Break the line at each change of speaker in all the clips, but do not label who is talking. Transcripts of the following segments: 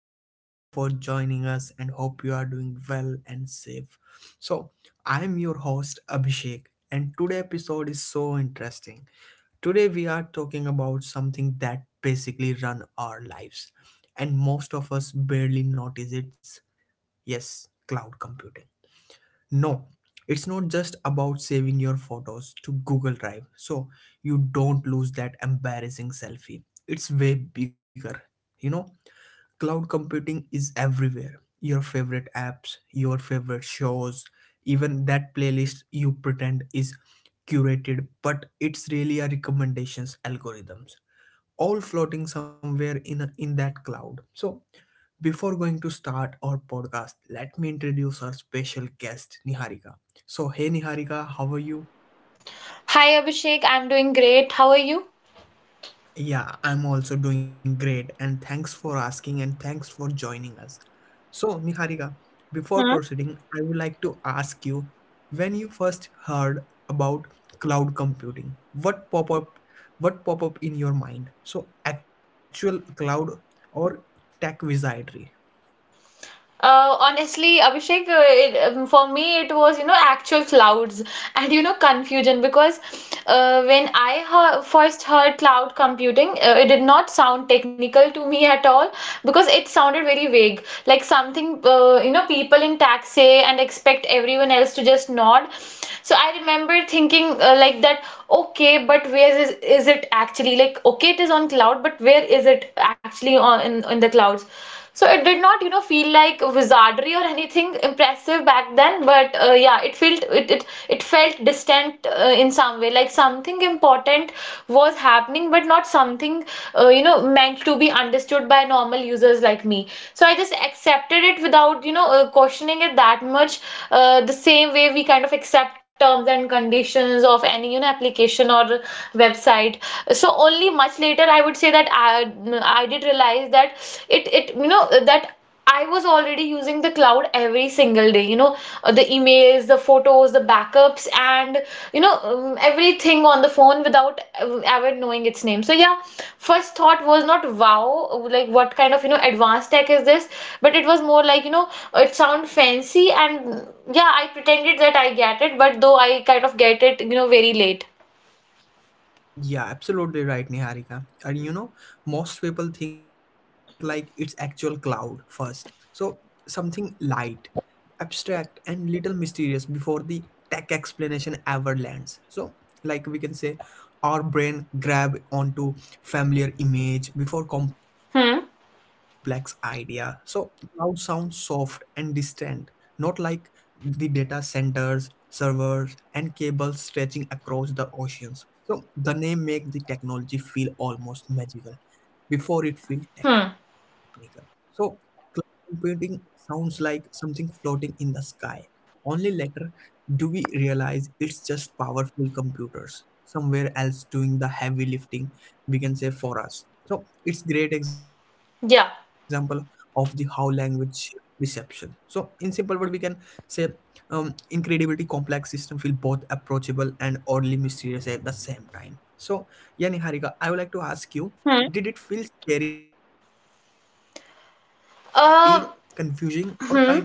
and thank you for joining us. And hope you are doing well and safe. So, I'm your host Abhishek, and today episode is so interesting. Today we are talking about something that basically run our lives, and most of us barely notice it's yes, cloud computing no, it's not just about saving your photos to Google Drive so you don't lose that embarrassing selfie. It's way bigger. You know, cloud computing is everywhere. Your favorite apps, your favorite shows, even that playlist you pretend is curated, but it's really a recommendations algorithms all floating somewhere in that cloud. So before going to start our podcast, let me introduce our special guest, Niharika. So, hey Niharika, how are you?
Hi Abhishek, I'm doing great. How are you?
Yeah, I'm also doing great, and thanks for asking and thanks for joining us. So, Niharika, before
Hmm?
proceeding, I would like to ask you when you first heard about cloud computing, what pop up in your mind? So, actual cloud or tech wizardry?
Honestly, Abhishek, for me it was actual clouds and confusion because when I heard, first heard cloud computing, it did not sound technical to me at all because it sounded very vague, like something people in tax say and expect everyone else to just nod. So I remember thinking like that, okay, but is it actually? Like okay, it is on cloud, but where is it actually in the clouds? So it did not, you know, feel like wizardry or anything impressive back then, but yeah, it felt distant in some way, like something important was happening, but not something meant to be understood by normal users like me. So I just accepted it without, questioning it that much. The same way we kind of accept terms and conditions of any application or website. So only much later I would say I did realize that it you know that I was already using the cloud every single day. The emails, the photos, the backups, and everything on the phone without ever knowing its name. So yeah, first thought was not wow, like what kind of advanced tech is this? But it was more like it sound fancy, and yeah, I pretended that I get it, but though I kind of get it, you know, very late.
Yeah, absolutely right, Niharika. And you know, most people think like it's actual cloud first. So something light, abstract, and little mysterious before the tech explanation ever lands. So, like we can say, our brain grab onto familiar image before
Hmm.
complex idea. So cloud sounds soft and distant, not like the data centers, servers, and cables stretching across the oceans. So the name make the technology feel almost magical before it feels
Hmm.
technical. So cloud computing sounds like something floating in the sky. Only later do we realize it's just powerful computers somewhere else doing the heavy lifting, we can say for us. So it's great example
Yeah.
of the how language shape reception. So in simple word, we can say incredibility complex system feel both approachable and oddly mysterious at the same time. So yeah, Niharika, I would like to ask
Hmm.
you did it feel scary, confusing, or kind of
Um,
cool?
Hmm.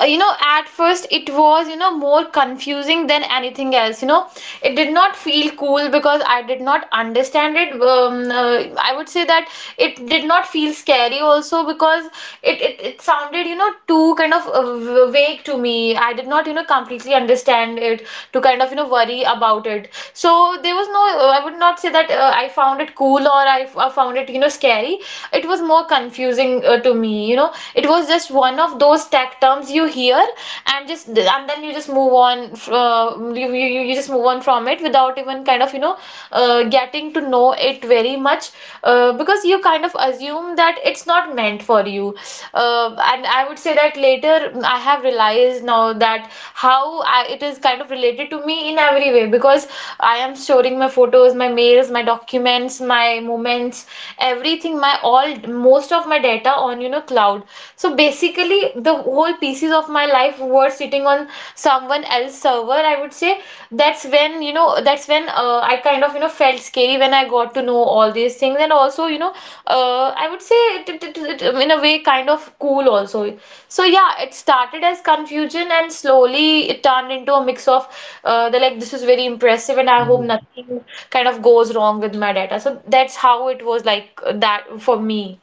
You know, at first it was, you know, more confusing than anything else. You know, it did not feel cool because I did not understand it. I would say that it did not feel scary also because it sounded too kind of vague to me. I did not completely understand it to kind of worry about it, so there was no. I would not say that I found it cool, or I found it scary. It was more confusing to me. You know, it was just one of those tech terms you hear and just and then you just move on. You you just move on from it without even kind of getting to know it very much, because you kind of assume that it's not meant for you. And I would say that later I have realized now that it is kind of related to me in every way, because I am storing my photos, my mails, my documents, my moments, everything, most of my data on, you know, cloud. So basically, the whole pieces of my life were sitting on someone else's server. I would say that's when, you know, that's when I kind of, you know, felt scary when I got to know all these things. And also, you know, I would say it in a way kind of cool also. So yeah, it started as confusion, and slowly it turned into a mix of the like this is very impressive, and I hope
Yeah.
nothing kind of goes wrong with my data. So that's how it was that for me.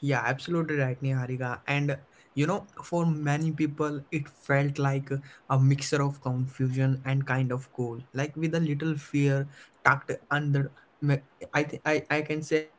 Yeah, absolutely right, Niharika. And you know, for many people, it felt like a mixture of confusion and kind of cool, like with a little fear tucked under. me- I think I can say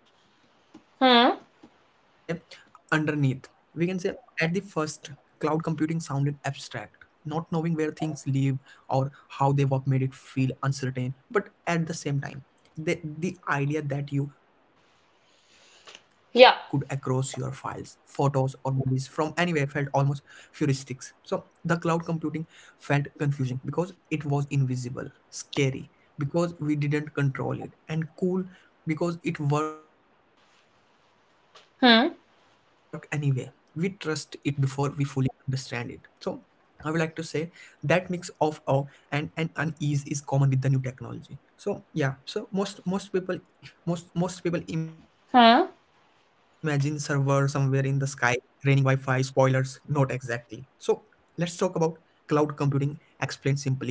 underneath. We can
Hmm.
say at the first, cloud computing sounded abstract. Not knowing where things live or how they work made it feel uncertain, but at the same time. The idea that you could across your files photos
Yeah.
or movies from anywhere felt almost futuristic. So the cloud computing felt confusing because it was invisible, scary because we didn't control it, and cool because it worked anyway. We trust it before we
Hmm.
fully understand it. So I would like to say that mix of awe and unease is common with the new technology. So yeah, so most people, most people imagine server somewhere in the
Hmm.
sky, raining Wi-Fi, spoilers, not exactly. So let's talk about cloud computing explained simply. We can say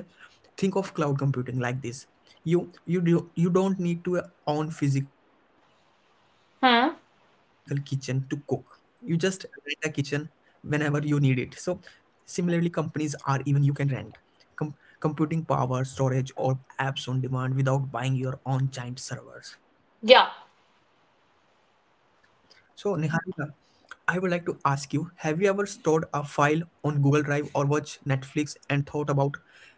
think of cloud computing like this. You don't need to own physical kitchen to cook. You just
Hmm.
rent a kitchen whenever you need it. So similarly, companies are even you can rent com- computing power, storage, or apps on demand without buying your own giant servers. So,
Yeah.
Niharika, I would like to ask you have you ever stored a file on Google Drive or watch Netflix and thought about where is actually live?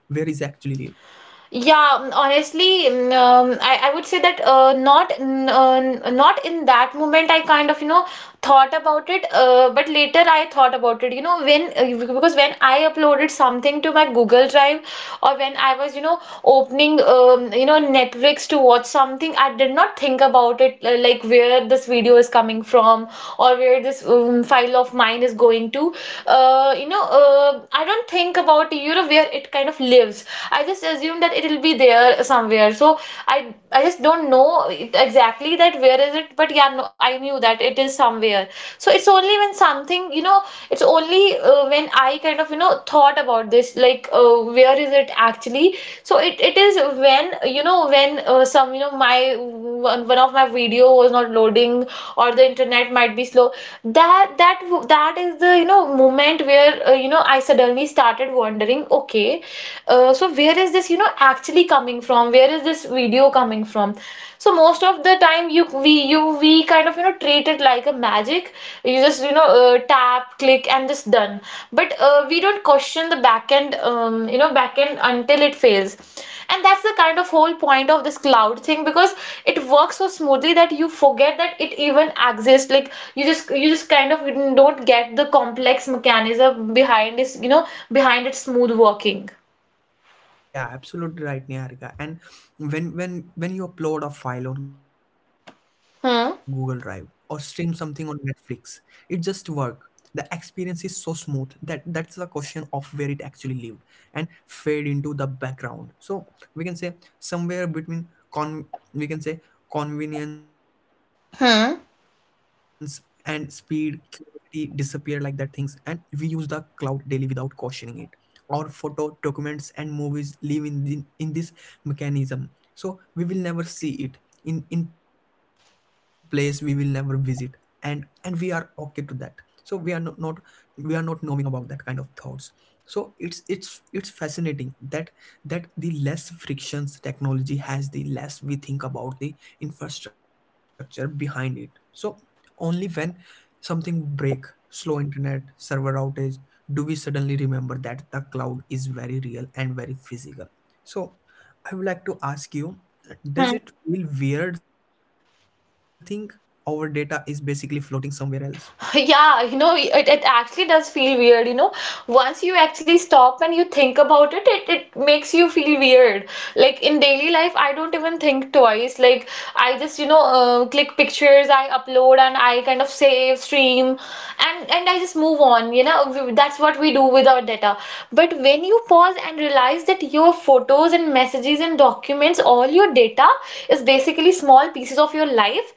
Yeah, honestly, I would say that not in that moment I kind of you know thought about it, but later I thought about it, you know, when because when I uploaded something to my Google Drive or when I was you know opening Netflix to watch something, I did not think about it, like where this video is coming from or where this file of mine is going to. I don't think about you know where it kind of lives. I just assume that it will be there somewhere, so I just don't know exactly that where is it, but yeah, no, I knew that it is somewhere. So it's only when something, you know, it's only when I kind of, you know, thought about this, like where is it actually? So it is when, you know, when you know, one of my video was not loading, or the internet might be slow. That that is the, you know, moment where, you know, I suddenly started wondering, okay, so where is this, you know, actually coming from? Where is this video coming from? So most of the time you we kind of you know treat it like a magic. You just you know tap, click, and just done. But we don't question the backend, backend, until it fails. And that's the kind of whole point of this cloud thing, because it works so smoothly that you forget that it even exists. Like you just kind of don't get the complex mechanism behind this, you know, behind its smooth working.
Yeah, absolutely right, Niharika. And when you upload a file on Google Drive or stream
hmm
something on Netflix, it just work. The experience is so smooth that that's the question of where it actually lived and fade into the background. So we can say somewhere between con we can say convenience
hmm
and speed, curiosity disappear like that things, and we use the cloud daily without cautioning it. Our photo documents and movies live in this mechanism, so we will never see it, in place we will never visit, and we are okay to that. So we are not, we are not knowing about that kind of thoughts. So it's fascinating that that the less frictions technology has, the less we think about the infrastructure behind it. So only when something break, slow internet, server outage, do we suddenly remember that the cloud is very real and very physical. So I would like to ask you, does
Hmm.
it feel weird thing our data is basically floating somewhere else?
Yeah, you know, it actually does feel weird, you know. Once you actually stop and you think about it, it makes you feel weird. Like in daily life, I don't even think twice. Like I just, you know, click pictures, I upload, and I kind of save, stream, and I just move on, you know. That's what we do with our data. But when you pause and realize that your photos and messages and documents means all your data is basically small pieces of your life,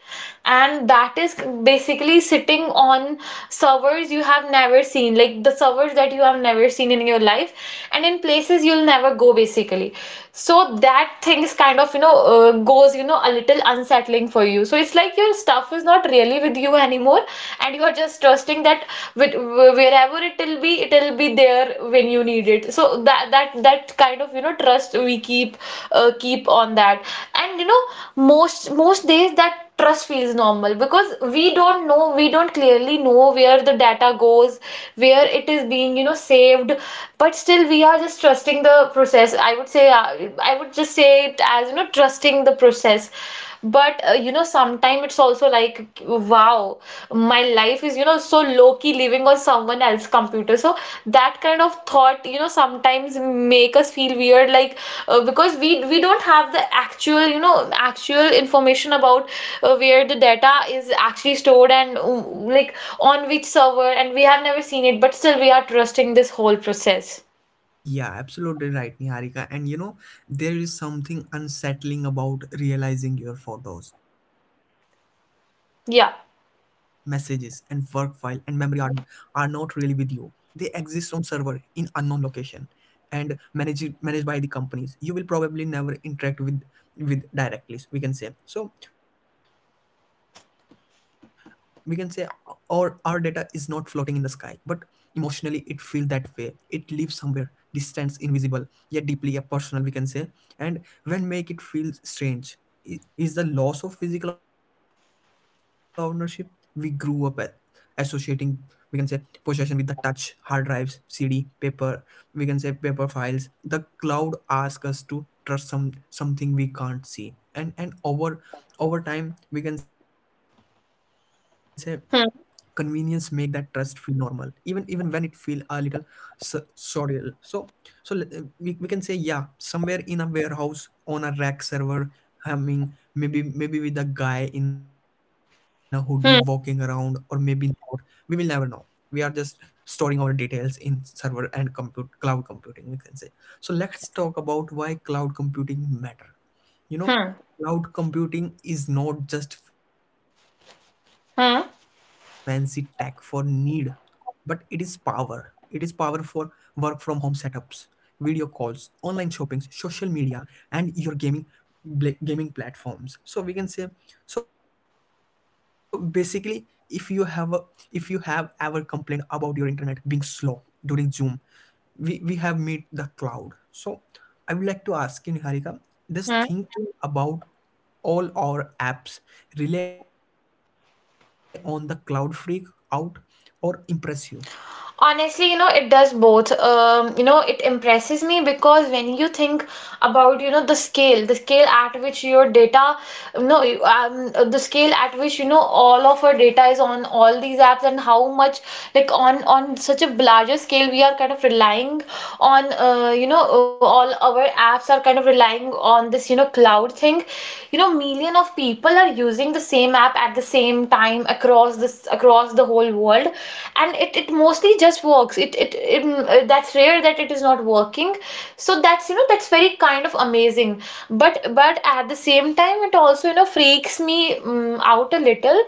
and that is basically sitting on servers you have never seen, like the servers that you have never seen in your life, and in places you'll never go basically. So that thing is kind of you know goes you know a little unsettling for you. So it's like your stuff is not really with you anymore, and you are just trusting that with wherever, whatever it will be, it will be there when you need it. So that kind of you know trust we keep, keep on that. And you know, most days that trust feels normal, because we don't clearly know where the data goes, where it is being you know saved, but still we are just trusting the process, I would say. I would just say it as you know trusting the process. But you know, sometimes it's also like, wow, my life is, you know, so low key living on someone else's computer. So that kind of thought, you know, sometimes make us feel weird, like because we don't have the actual, you know, actual information about where the data is actually stored, and like on which server, and we have never seen it, but still we are trusting this whole process.
Yeah, absolutely right, Niharika. And you know, there is something unsettling about realizing your photos, messages and work file and
Yeah.
memory are not really with you. They exist on server in unknown location and managed by the companies you will probably never interact with directly, we can say. So we can say our data is not floating in the sky, but emotionally it feels that way. It lives somewhere distance, invisible, yet deeply a personal, we can say. And when make it feel strange, i- is the loss of physical ownership. We grew up associating, we can say, possession with the touch, hard drives, cd, paper, we can say paper files. The cloud asks us to trust some, something we can't see. And our, over time we can say convenience make that
Hmm.
trust feel normal, even even when it feel a little surreal. So so we can say yeah, somewhere in a warehouse on a rack server humming, maybe maybe with a guy in a hoodie walking around, or
Hmm.
maybe not. We will never know. We are just storing our details in server and compute cloud computing, we can say. So let's talk about why cloud computing matter. You know,
Hmm.
cloud computing is not just fancy tech for need,
Hmm.
but it is power. It is power for work from home setups, video calls, online shoppings, social media, and your gaming gaming platforms. So we can say so basically if you have ever complained about your internet being slow during Zoom, we have met the cloud. So I would like to ask you, Niharika, does
Hmm.
thinking about all our apps rely on the cloud freak out or impress you?
Honestly, you know, it does both. You know, it impresses me because when you think about, you know, the scale at which your data, no, you- the scale at which, you know, all of our data is on all these apps, and how much, like, on such a larger scale, we are kind of relying on, you know, all our apps are kind of relying on this, you know, cloud thing. You know, million of people are using the same app at the same time across the whole world, and it mostly just works. That's rare that it is not working, so that's you know that's very kind of amazing. But at the same time it also freaks me out a little,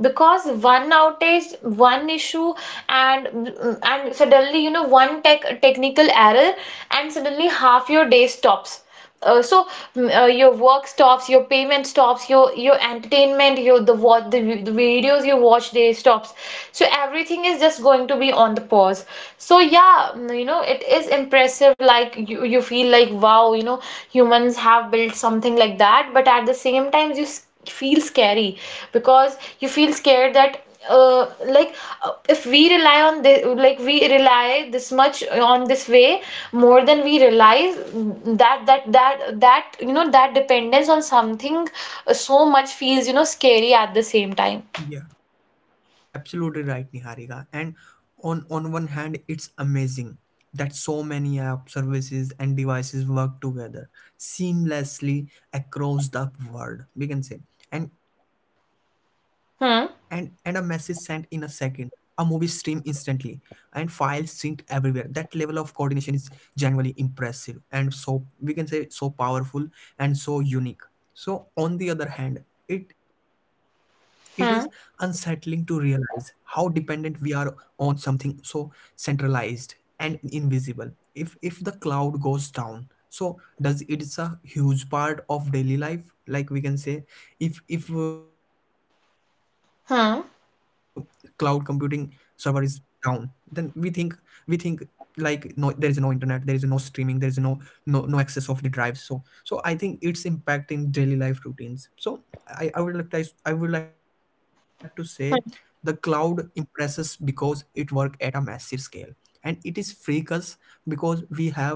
because one outage, one issue, and suddenly one technical error, and suddenly half your day stops. So your work stops, your payment stops, your entertainment, your the what the videos you watch they stops. So everything is just going to be on the pause. So yeah, it is impressive, like you feel like wow, humans have built something like that. But at the same time you feel scary, because you feel scared that uh, like if we rely on this, like we rely this much on this way more than we realize, that that dependence on something so much feels scary at the same time.
Yeah. Absolutely right, Niharika. And on one hand, it's amazing that so many app services and devices work together seamlessly across the world. We can say, and a message sent in a
Hmm.
second, a movie stream instantly, and files synced everywhere. That level of coordination is genuinely impressive, and so we can say so powerful and so unique. So on the other hand, it is unsettling to
Hmm.
realize how dependent we are on something so centralized and invisible. If the cloud goes down, so does it's a huge part of daily life, like we can say, if cloud computing server is
Hmm.
down, then we think like no, there is no internet, there is no streaming, there is no no access of the drive. So so I think it's impacting daily life routines. So I would like to say the cloud
Hmm.
impresses because it work at a massive scale, and it is freak us because we have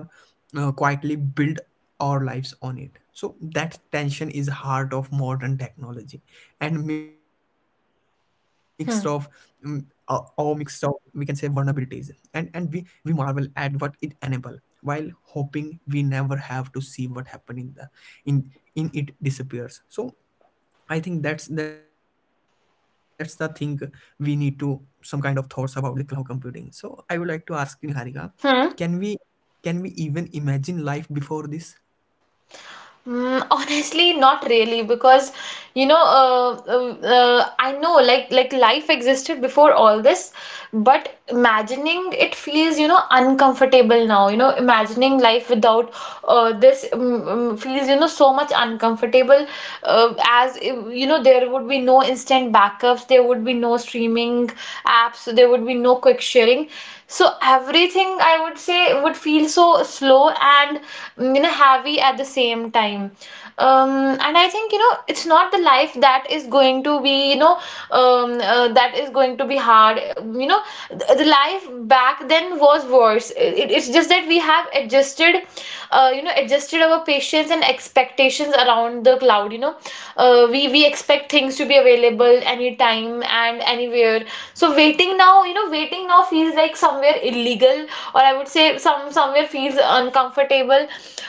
quietly built our lives on it. So that tension is heart of modern technology, and mixed of mm, uh, or
Hmm.
mixed of we can say vulnerabilities, and we marvel at what it enable, while hoping we never have to see what happened in the, in in it disappears. So I think that's the thing we need to some kind of thoughts about the cloud computing. So I would like to ask you, Niharika, can
Hmm.
we can we even imagine life before this?
Mm, honestly, not really, because I know like life existed before all this, but imagining it feels uncomfortable now. You know, imagining life without this feels so much uncomfortable. As if, there would be no instant backups, there would be no streaming apps, so there would be no quick sharing. So everything I would say would feel so slow and heavy at the same time. um, and I think it's not the life that is going to be that is going to be hard. you know the life back then was worse. It's just that we have adjusted you know adjusted our patience and expectations around the cloud. We expect things to be available anytime and anywhere. So waiting now feels like somewhere illegal, or I would say somewhere feels uncomfortable.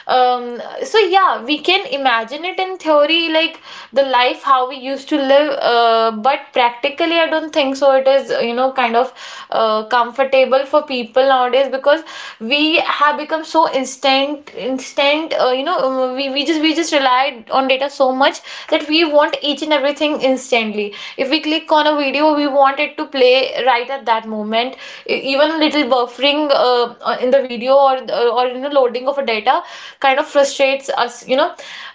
So yeah, we can imagine it in theory, like the life how we used to live, but practically I don't think so it is kind of comfortable for people nowadays, because we have become so instant. We just rely on data so much that we want each and everything instantly. If we click on a video, we want it to play right at that moment. Even little buffering in the video, or loading of a data kind of frustrates us. you know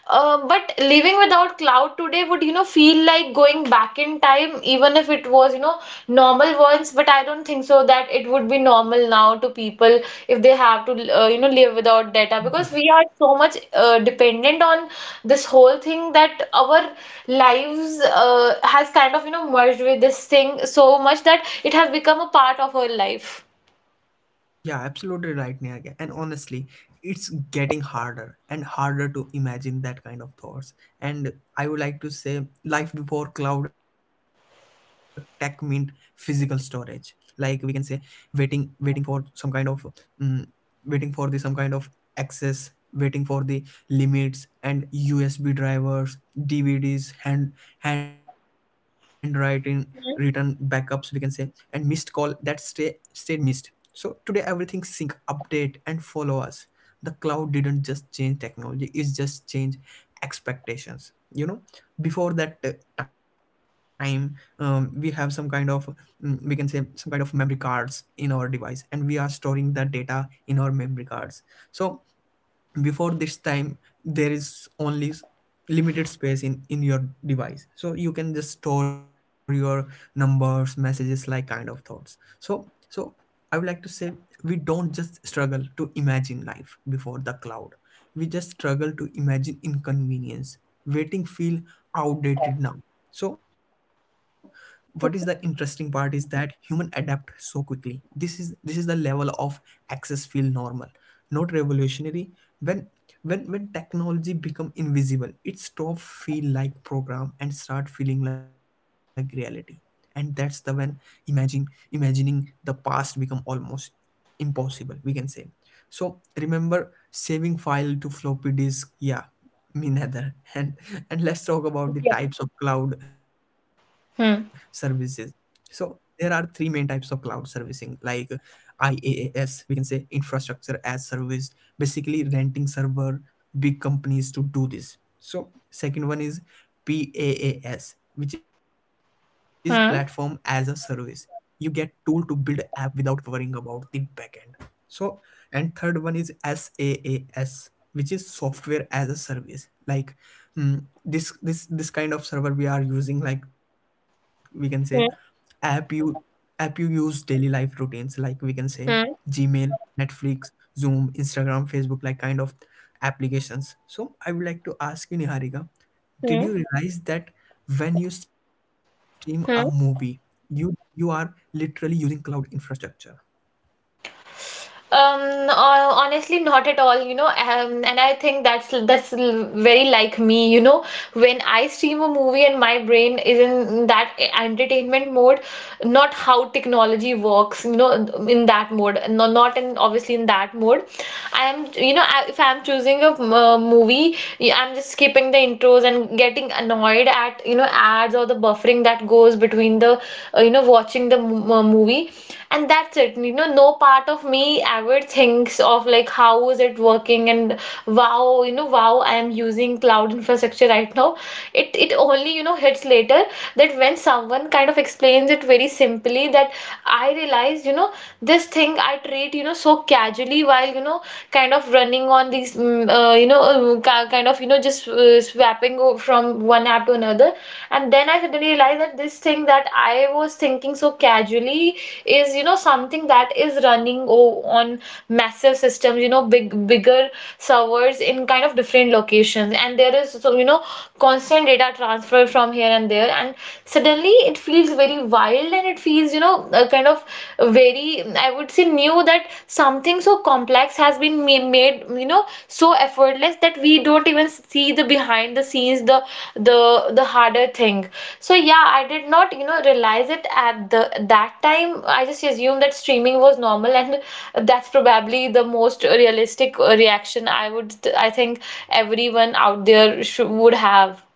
uh, But living without cloud today would feel like going back in time, even if it was normal once. But I don't think so that it would be normal now to people if they have to live without data, because we are so much dependent on this whole thing that our lives has kind of merged with this thing so much that it has become a part of our life.
Yeah, absolutely right, Niharika. And honestly, it's getting harder and harder to imagine that kind of thoughts. And I would like to say, life before cloud tech meant physical storage. Like we can say, waiting, waiting for some kind of, um, waiting for the some kind of access, waiting for the limits and USB drivers, DVDs, hand handwriting, written backups. We can say and missed call that stay stayed missed. So today everything sync, update and follow us. The cloud didn't just change technology, it's just change expectations. You know, before that time, we have some kind of, we can say some kind of memory cards in our device, and we are storing that data in our memory cards. So before this time there is only limited space in your device, so you can just store your numbers, messages, like kind of thoughts. So so I would like to say we don't just struggle to imagine life before the cloud, we just struggle to imagine inconvenience. Waiting feel outdated now. So what is the interesting part is that human adapt so quickly. This is the level of access feel normal, not revolutionary. When when when technology become invisible, it stop feel like program and start feeling like reality. And that's the when imagine imagining the past become almost impossible, we can say. So remember saving file to floppy disk? Yeah, me neither And let's talk about the
Yeah.
types of cloud services.
Hmm.
So there are three main types of cloud servicing, like IaaS, we can say infrastructure as service, basically renting server, big companies to do this. So second one is PaaS, which is platform as a
Hmm.
service. You get tool to build app without worrying about the backend. So and third one is SaaS, which is software as a service, like this kind of server we are using, like we can say app you
Hmm.
app you use daily life routines, like we can say Gmail,
Hmm.
Netflix, Zoom, Instagram, Facebook, like kind of applications. So I would like to ask you, Niharika, did
Hmm.
you realize that when you stream a movie,
Hmm.
you are literally using cloud infrastructure?
Um, Honestly, not at all, And I think that's very like me. When I stream a movie and my brain is in that entertainment mode, not how technology works in that mode. No, not in, obviously, in that mode. I am, if I'm choosing a movie, yeah, I'm just skipping the intros and getting annoyed at ads, or the buffering that goes between the watching the movie. And that's it. No part of me ever thinks of, like, how is it working, and wow I am using cloud infrastructure right now. It only hits later, that when someone kind of explains it very simply, that I realized, this thing I treat, so casually while, kind of running on these, kind of, just swapping from one app to another. And then I suddenly realized that this thing that I was thinking so casually is, something that is running on massive systems, bigger servers in kind of different locations. And there is, so, constant data transfer from here and there, and suddenly it feels very wild, and it feels a kind of very, I would say, new, that something so complex has been made so effortless that we don't even see the behind the scenes, the the the harder thing. So yeah, I did not realize it at the that time. I just assumed that streaming was normal, and that's probably the most realistic reaction I would, I think, everyone out there should, would have.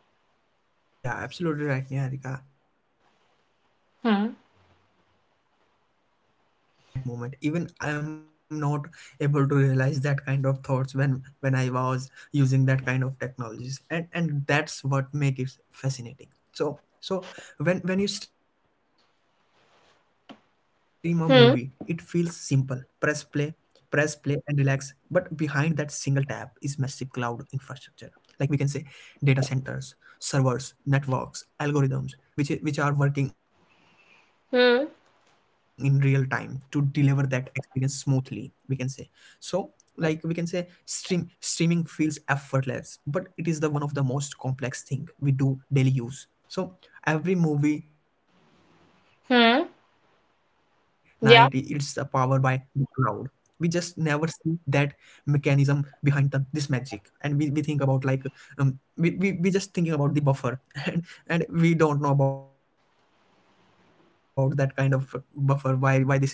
Yeah, absolutely right, Niharika. And you know,
Hmm.
most of the people don't realize it in that moment. Even I'm not able to realize that kind of thoughts when I was using that kind of technologies, and that's what make it fascinating. So when you stream a movie, it feels simple. Press play,
Hmm.
press play, and relax. But behind that single tap is massive cloud infrastructure, like we can say, data centers, servers, networks, algorithms, which are working in real time to
Hmm.
deliver that experience smoothly, we can say. So like we can say, stream streaming feels effortless, but it is the one of the most complex thing we do daily use. So every movie night, it's
Hmm.
powered by the cloud. We
Yeah.
just never see that mechanism behind the this magic. And we think about like um we just thinking about the buffer and and we don't know about that kind of buffer, why this is buffer is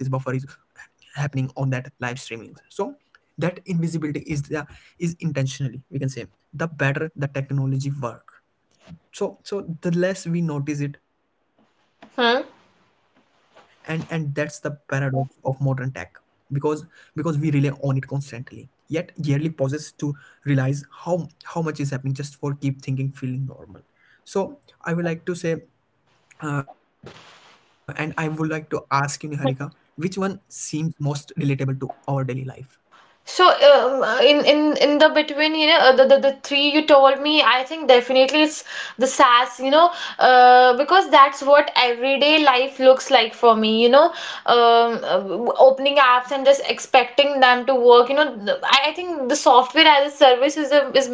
happening on that live streaming. So that invisibility is the is intentionally, we can say. The better the technology work, so the less we notice it. And
Hmm.
that's the paradox of modern tech. Because because we rely on it constantly, yet yearly pauses to realize how much is happening just for keep thinking feeling normal. So I would like to say and I would like to ask you, Niharika, which one seems most relatable to our daily life?
So, in the between, the three you told me, I think definitely it's the sass, because that's what everyday life looks like for me. um, uh, Opening apps and just expecting them to work. I think the software as a service is a is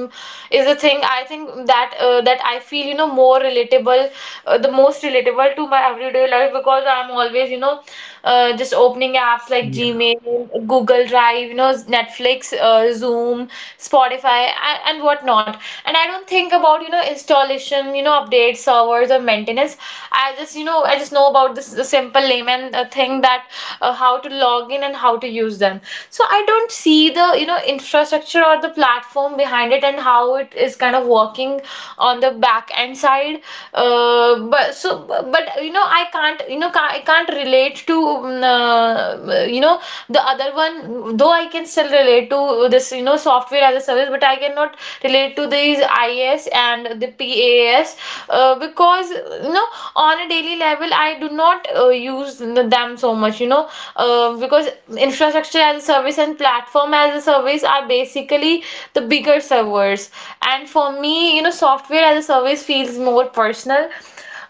is a thing. I think that I feel more relatable, the most relatable to my everyday life, because I'm always just opening apps like Gmail, Google Drive, Netflix, Zoom, Spotify, and whatnot. And I don't think about installation, updates servers, or maintenance. I just know about this simple layman thing, that how to log in and how to use them. So I don't see the infrastructure or the platform behind it and how it is kind of working on the back end side. But I can't relate to um, uh, you know the other one, though I can still relate to this software as a service, but I cannot relate to these IAS and the PAS, because on a daily level I do not use them so much, because infrastructure as a service and platform as a service are basically the bigger servers, and for me software as a service feels more personal.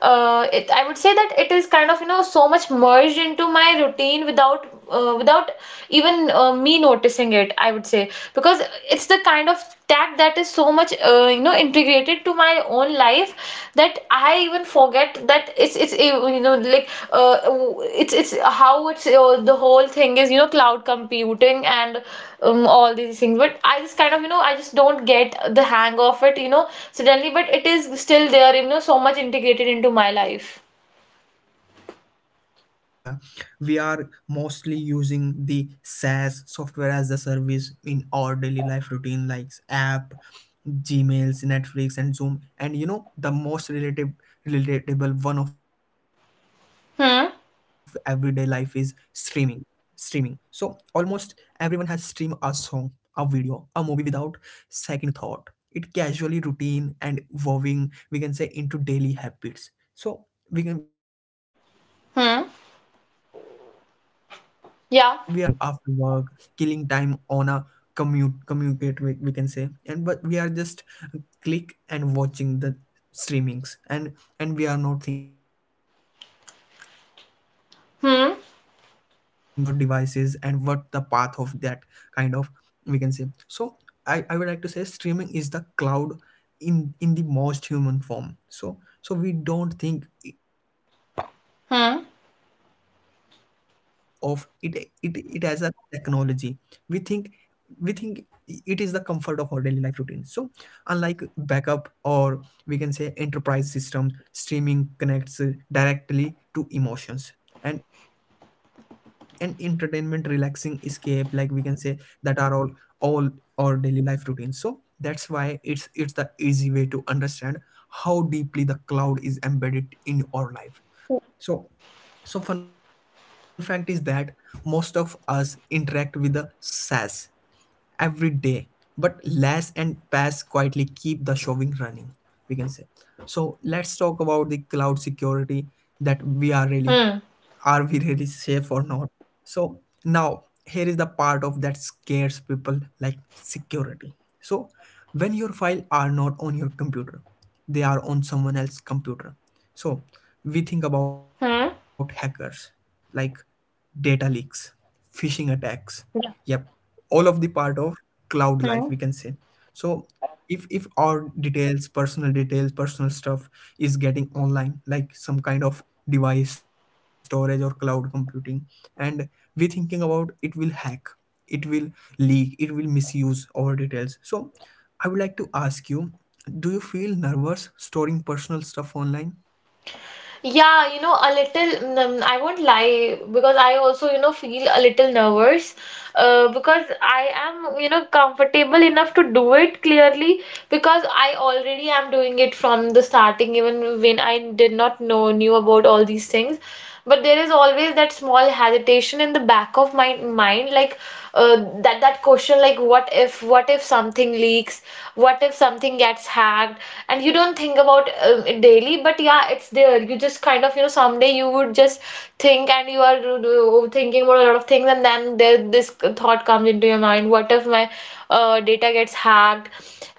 It I would say that it is kind of so much merged into my routine without even me noticing it. I would say, because it's the kind of tag that is so much integrated to my own life, that I even forget that it's like it's how it's the whole thing is cloud computing, and all these things, but I just kind of, you know I just don't get the hang of it suddenly, but it is still there so much integrated into my life.
Yeah, absolutely right, Niharika. We are mostly using the SaaS software as a service in our daily life routine, like app, Gmails, Netflix, and Zoom. And you know, the most relative, relatable one of everyday life is
Hmm.
streaming. Streaming. So almost everyone has streamed a song, a video, a movie without second thought. It casually routine and evolving, we can say, into daily habits. So we can, we are not talking about like
Hmm.
background noises with cooking, unwinding
Yeah.
after work, killing time on a commute communicate, we can say. And but we are just click and watching the streamings. And we are not thinking about how it work, how the data came
Hmm.
in your devices and what the path of that kind of, we can say. So I would like to say streaming is the cloud in the most human form. So so we don't think of it, it
Hmm.
as a technology. we think we think it is the comfort of our daily life routine. So unlike backup or, we can say, enterprise systems, streaming connects directly to emotions and entertainment, relaxing escape, like we can say, that are all our daily life routines. So that's why it's the easy way to understand how deeply the cloud is embedded in our life. So, so fun fact is that most of us interact with the SaaS every day, but LAS and PAS quietly keep the showing running, we can say. So let's talk about the cloud security, that we are really, are we really safe or
Hmm.
not? So now here is the part of that scares people, like security. So when your file are not on your computer, they are on someone else's computer. So we think about hackers, like
Hmm.
data leaks, phishing attacks. Yep, all of the part
Yeah.
of cloud life, we can say. So
Hmm.
if our details, personal stuff is getting online, like some kind of device storage or cloud computing, and we thinking about it will hack, it will leak, it will misuse our details. So I would like to ask you, do you feel nervous storing personal stuff online?
Yeah, a little, I won't lie, because I also, feel a little nervous, because I am, comfortable enough to do it clearly, because I already am doing it from the starting, even when I did not knew about all these things. But there is always that small hesitation in the back of my mind, like, uh, that question, like what if something leaks, what if something gets hacked. And you don't think about it daily, but yeah, it's there. You just kind of, someday you would just think, and you are thinking about a lot of things, and then this thought comes into your mind, what if my data gets hacked.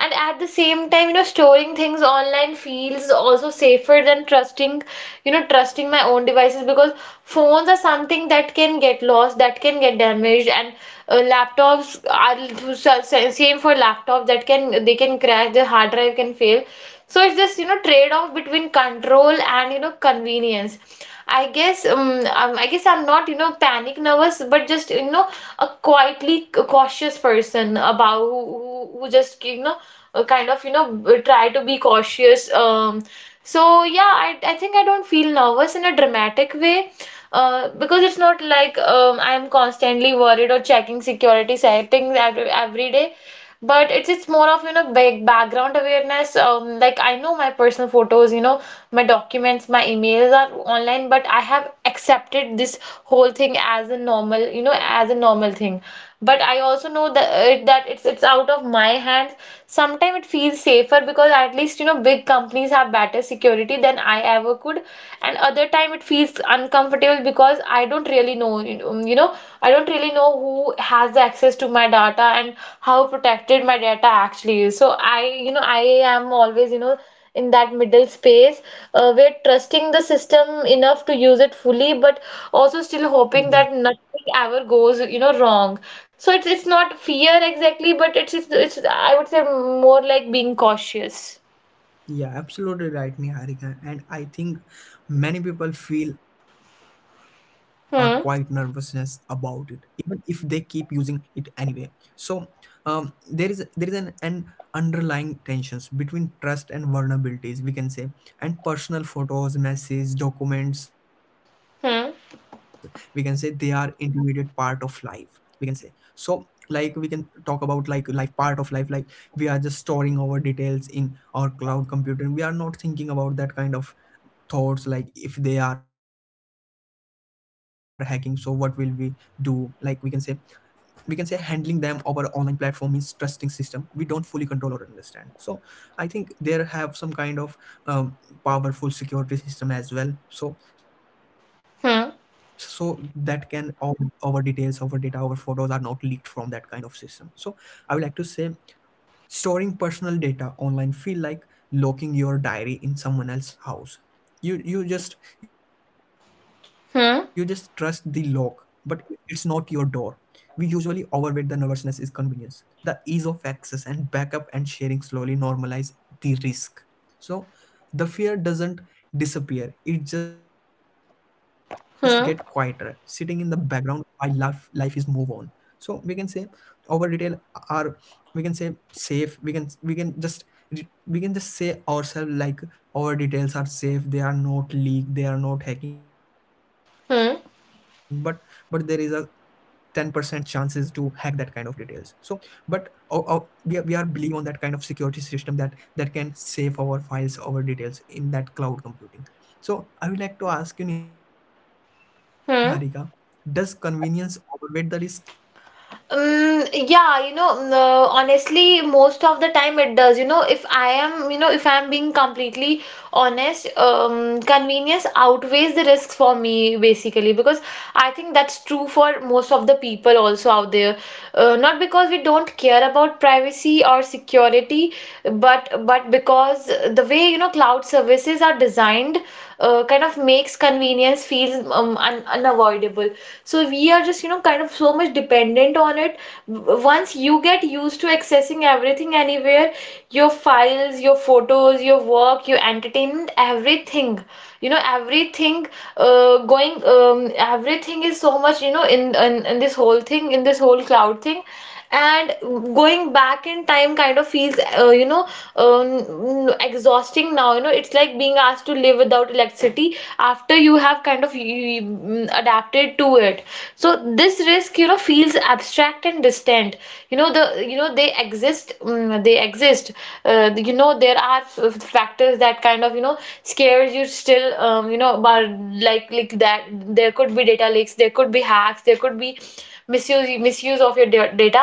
And at the same time, storing things online feels also safer than trusting you know trusting my own devices, because phones are something that can get lost, that can get damaged, and laptops are same for laptops, that can they can crash, the hard drive can fail. So it's this trade off between control and convenience, I guess. I guess I'm not panic nervous, but just, you know a quietly cautious person about who just kind of try to be cautious. So yeah, I think I don't feel nervous in a dramatic way, because it's not like I'm constantly worried or checking security settings every day. But it's more of big background awareness. Like I know my personal photos, my documents, my emails are online, but I have accepted this whole thing as a normal thing. But I also know that it's out of my hands. Sometimes it feels safer, because at least big companies have better security than I ever could, and other time it feels uncomfortable, because I don't really know, I don't really know who has the access to my data, and how protected my data actually is. So I am always in that middle space, we trusting the system enough to use it fully, but also still hoping that nothing ever goes wrong. So it's not fear exactly, but it's I would say more like being cautious.
Yeah, absolutely right, Niharika. And I think many people feel a quite nervousness about it,
Hmm.
even if they keep using it anyway. So there is an underlying tensions between trust and vulnerabilities, we can say, and personal photos, messages, documents, we can say, they are
Hmm.
intermediate part of life, we can say. So like we can talk about like life, part of life, like we are just storing our details in or cloud computing. We are not thinking about that kind of thoughts, like if they are hacking, so what will we do, like we can say. We can say handling them over online platform means trusting system we don't fully control or understand. So I think there have some kind of um, powerful security system as well, so that can
Hmm.
all our details, our data, our photos are not leaked from that kind of system. So I would like to say, storing personal data online feel like locking your diary in someone else's house. You just trust the lock, but
Hmm.
it's not your door. We usually overweight the nervousness is convenience. The ease of access and backup and sharing slowly normalize the risk. So the fear doesn't disappear. It just get quieter, sitting in
Hmm.
the background while life is move on. So we can say our retail are, we can say, safe. We can just, we can just say ourselves like our details are safe, they are not leaked, they are not hacking. But there is a
Hmm.
10% chances to hack that kind of details. So but we are believe on that kind of security system that that can save our files, our details in that cloud computing. So I would like to ask you, Niharika, does convenience
Hmm.
overweight the risk?
Yeah, honestly, most of the time it does. If I am, you know, If I'm being completely honest, convenience outweighs the risks for me, basically, because I think that's true for most of the people also out there. Not because we don't care about privacy or security, but because the way, you know, cloud services are designed, kind of makes convenience feel un unavoidable, people, so we are just, you know, kind of so much dependent on it. Once you get used to accessing everything anywhere, your files, your photos, your work, your entertainment, everything you know everything, going everything is so much, you know, in this whole thing, in this whole cloud thing, and going back in time kind of feels, exhausting now. You know, it's like being asked to live without electricity after you have kind of, adapted to it. So this risk, you know, feels abstract and distant. You know, they exist. They exist. You know, there are factors that kind of, you know, scares you still, you know, about, like, that
Yeah,
there could be data leaks, there could be hacks, there could be misuse of your data.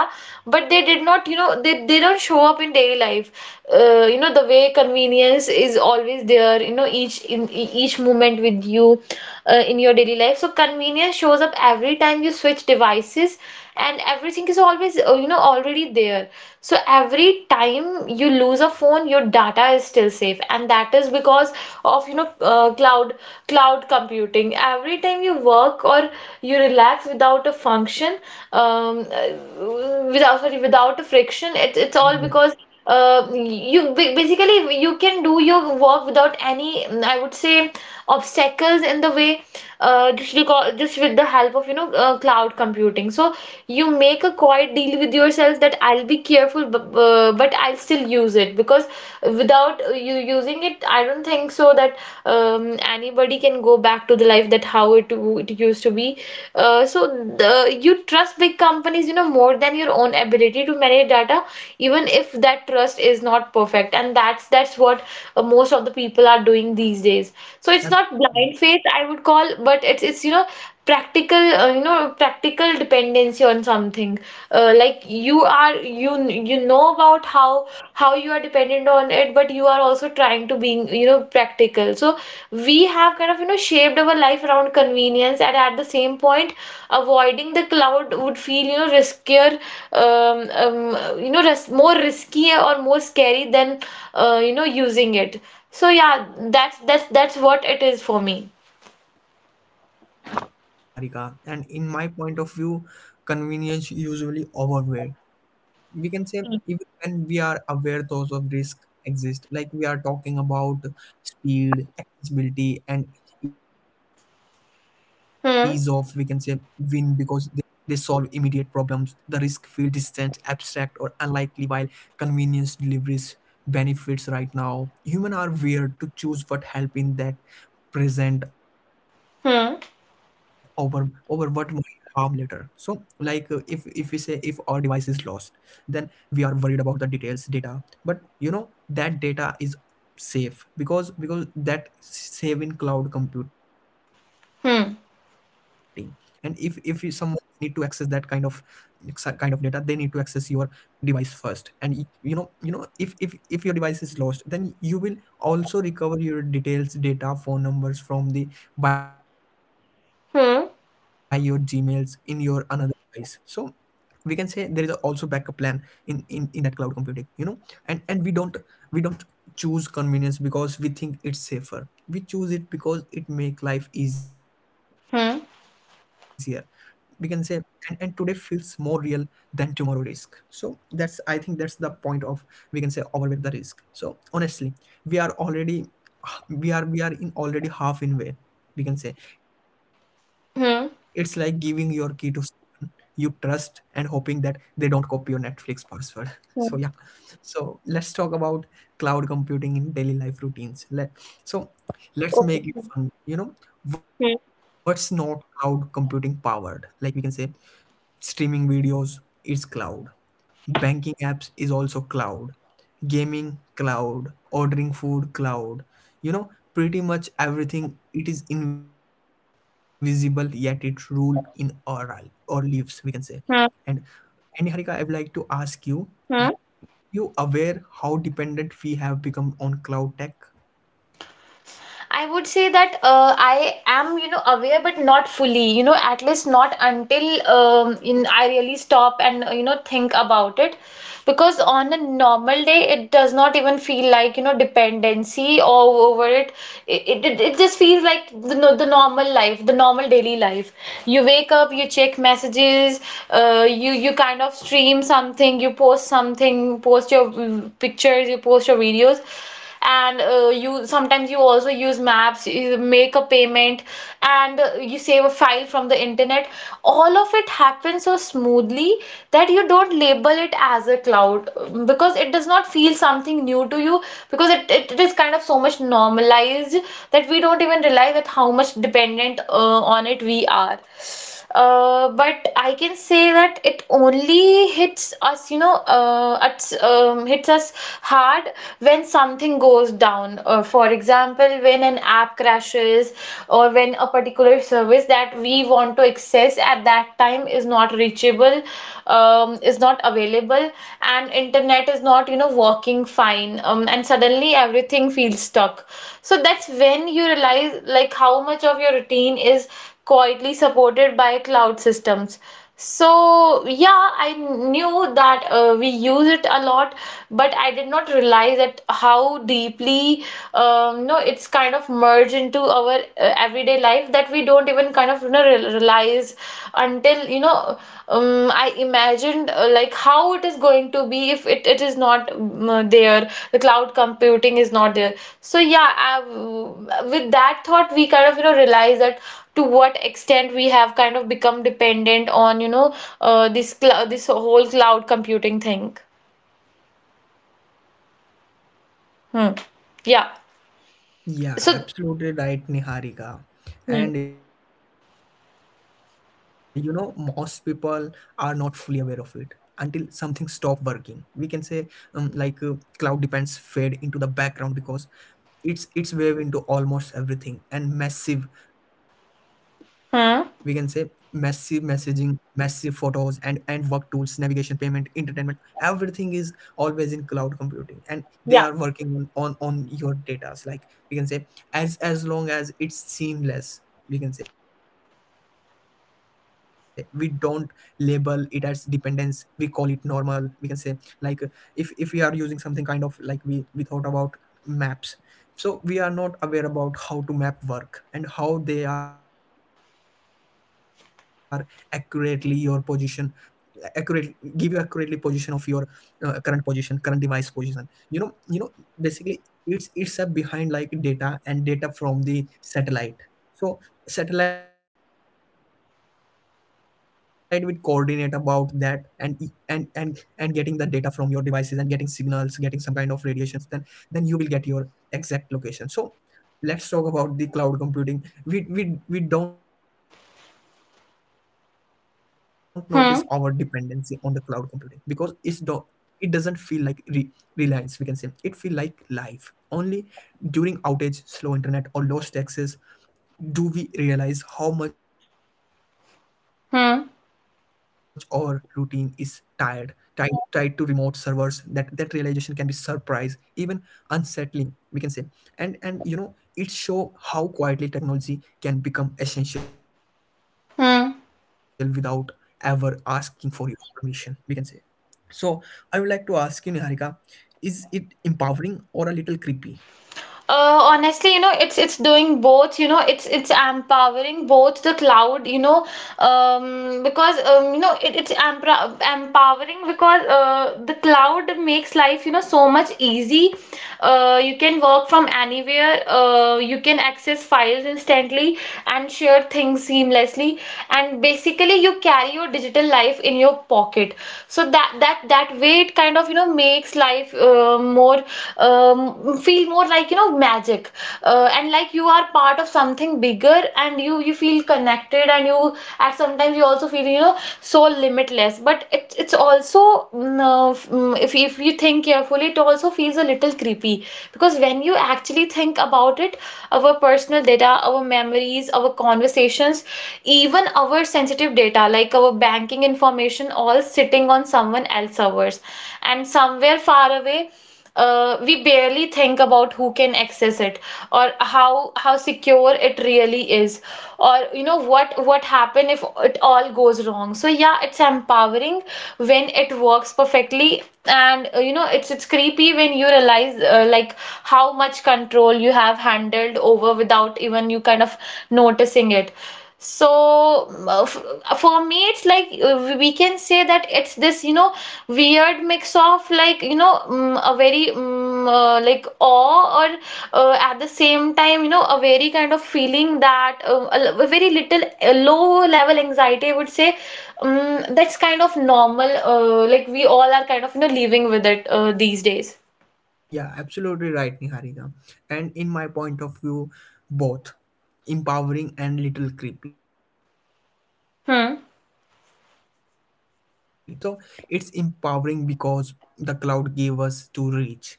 But they did not, you know, they don't show up in daily life, you know, the way convenience is always there, you know, each moment with you, in your daily life. So convenience shows up every time you switch devices, and everything is always, you know, already there. So every time you lose a phone, your data is still safe, and that is because of, you know, cloud computing. Every time you work or you relax without a function, without, sorry, without a friction, it's all
yeah,
because, you basically, you can do your work without any, I would say, obstacles in the way, just with the help of, you know, cloud computing. So you make a quiet deal with yourself that I'll be careful, but I'll still use it, because without you using it, I don't think so that, anybody can go back to the life that how it used to be. So, you trust big companies, you know, more than your own ability to manage data, even if that trust is not perfect. And that's what most of the people are doing these days. So it's not blind
absolutely.
faith, I would call, but it's you know, practical, you know, practical dependency on something, like you are, you know about how you are dependent on it, but you are also trying to being, you know, practical. So we have kind of, you know, shaped our life around convenience, and at the same point, avoiding the cloud would feel, you know, riskier. You know, ris more risky or more scary than, you know, using it. So yeah, that's what it is for me.
Yeah, absolutely right, Niharika. And in my point of view, convenience usually overweight. We can say even when we are aware those of risk exist, like we are talking about speed, accessibility, and ease of, we can say, win because they
Hmm.
they solve immediate problems. The risk feel distant, abstract, or unlikely, while convenience delivers benefits right now. Human are weird to choose what help in that present over what
Hmm.
might harm later. So like if we say if our device is lost, then we are worried about the details data. But you know that data is safe because that save in cloud computing. And if you,
Hmm.
someone need to access that kind of data they need to access your device first. And you know, you know, if your device is lost, then you will also recover your details data phone numbers from the by your Gmails in your another
Hmm.
device. So we can say there is a also backup plan in that cloud computing, you know. And we don't choose convenience because we think it's safer. We choose it because it make life easier, we can say.
Hmm.
And today feels more real than tomorrow risk. So that's, I think that's the point of, we can say, overweight the risk. So honestly, we are already, we are in already half in way, we can say. It's like giving your
Hmm.
key to
Hmm.
someone you trust and hoping that they don't copy your Netflix password so yeah, so let's talk about cloud computing in daily life routines. Let, so let's
Okay.
make it fun, you know? What's
Hmm.
not cloud computing powered? Like we can say, streaming videos is cloud, banking apps is also cloud, gaming cloud, ordering food cloud, you know, pretty much everything. It is invisible, yet it rule in our our lives, we can say. And and Niharika, I would like to ask you,
Hmm.
you aware how dependent we have become on cloud tech?
I would say that, I am, you know, aware but not fully, you know, at least not until, I really stop and, you know, think about it. Because on a normal day, it does not even feel like, you know, dependency all over it. It just feels like the, no- the normal life, the normal daily life. You wake up, you check messages, you kind of stream something, you post something, post your, pictures, you post your videos, and you sometimes, you also use maps, you make a payment, and you save a file from the internet. All of it happens so smoothly that you don't label it as a cloud, because it does not feel something new to you, because it is kind of so much normalized that we don't even realize that how much dependent, on it we are. But I can say that it only hits us, you know, hits us hard when something goes down. For example, when an app crashes or when a particular service that we want to access at that time is not reachable, is not available, and internet is not, you know, working fine, and suddenly everything feels stuck. So that's when you realize like how much of your routine is quietly supported by cloud systems. So yeah, I knew that, we use it a lot, but I did not realize that how deeply, no, it's kind of merged into our everyday life, that we don't even kind of, you know, realize, until, you know, I imagined, like how it is going to be if it is not, the cloud computing is not there. So yeah, with that thought, we kind of, you know, realize that to what extent we have kind of become dependent on, you know, this whole cloud computing thing. Hmm. Yeah.
Yeah,
So.
absolutely right, Niharika.
Hmm.
And you know, most people are not fully aware of it until something stop working. We can say, um, like uh, cloud depends fade into the background because it's wave into almost everything and massive, we can say, massive
Hmm.
messaging, massive photos, and work tools, navigation, payment, entertainment. Everything is always in cloud computing, and they are
Yeah.
working on your data, like we can say. As long as it's seamless, we can say, we don't label it as dependence, we call it normal, we can say. Like, if we are using something, kind of like we thought about maps. So we are not aware about how to map work and how they are accurately your position, accurate, give you accurately position of your current position, current device position. you know you know Basically, it's a behind like data and data from the satellite. So satellite will coordinate about that, and getting the data from your devices and getting signals, getting some kind of radiations. Then you will get your exact location. So let's talk about the cloud computing. We don't notice our dependency on the cloud computing because
Hmm.
it doesn't feel like reliance, we can say. It feel like life. Only during outage, slow internet, or lost access do we realize how much our routine is tired
Hmm.
tied tied to remote servers. That realization can be surprise, even unsettling, we can say. And it show how quietly technology can become essential without ever asking for
Hmm.
your permission, we can say. So I would like to ask you, Niharika, is it empowering or a little creepy?
Honestly, you know, it's doing both. You know, it's empowering, both the cloud. You know, because, you know, it's empowering because, the cloud makes life, you know, so much easy. You can work from anywhere. You can access files instantly and share things seamlessly. And basically, you carry your digital life in your pocket. So that way, it kind of, you know, makes life, more, um, feel more like, you know, magic, and like you are part of something bigger, and you feel connected, and you, at sometimes, you also feel, you know, so limitless. But it's also, if you think carefully, it also feels a little creepy, because when you actually think about it, our personal data, our memories, our conversations, even our sensitive data like our banking information, all sitting on someone else's servers, and somewhere far away. We barely think about who can access it, or how how secure it really is, or, you know, what happen if it all goes wrong. So yeah, it's empowering when it works perfectly, and you know, it's creepy when you realize, like how much control you have handled over without even you kind of noticing it. So, for me, it's like, we can say that it's this, you know, weird mix of, like, you know, a very like awe, or, at the same time, you know, a very kind of feeling that, a very little, low level anxiety, I would say. That's kind of normal. Like, we all are kind of, you know, living with it, these days.
Yeah, absolutely right, Niharika. And in my point of view, both empowering and little creepy. And that tension is
Hmm.
what defines modern technology. So it's empowering because the cloud gave us to reach.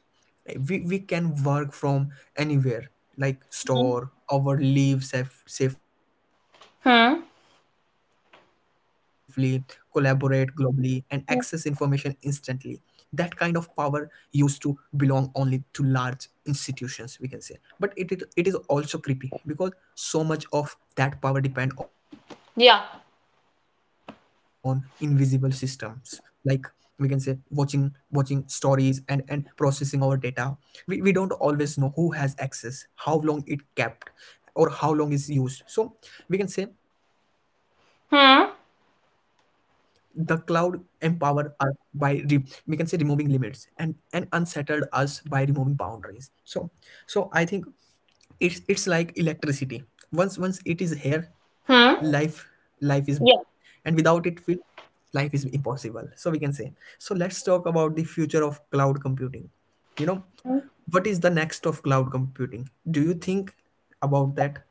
We can work from anywhere, like
Hmm.
store our leave safely, collaborate
Hmm.
globally, and access information instantly. That kind of power used to belong only to large institutions, we can say. But it is also creepy because so much of that power depend on invisible
Yeah.
systems, like we can say, watching stories and processing our data. We don't always know who has access, how long it kept, or how long is used. So we can say the cloud empower
Hmm.
us by we can say removing limits and unsettled us by removing boundaries. So I think it's like electricity. Once it is here, life
Hmm.
is back. And without it,
Yeah.
feel life is impossible, so we can say. So let's talk about the future of cloud computing. you know what is the next of cloud computing? Do you think about that?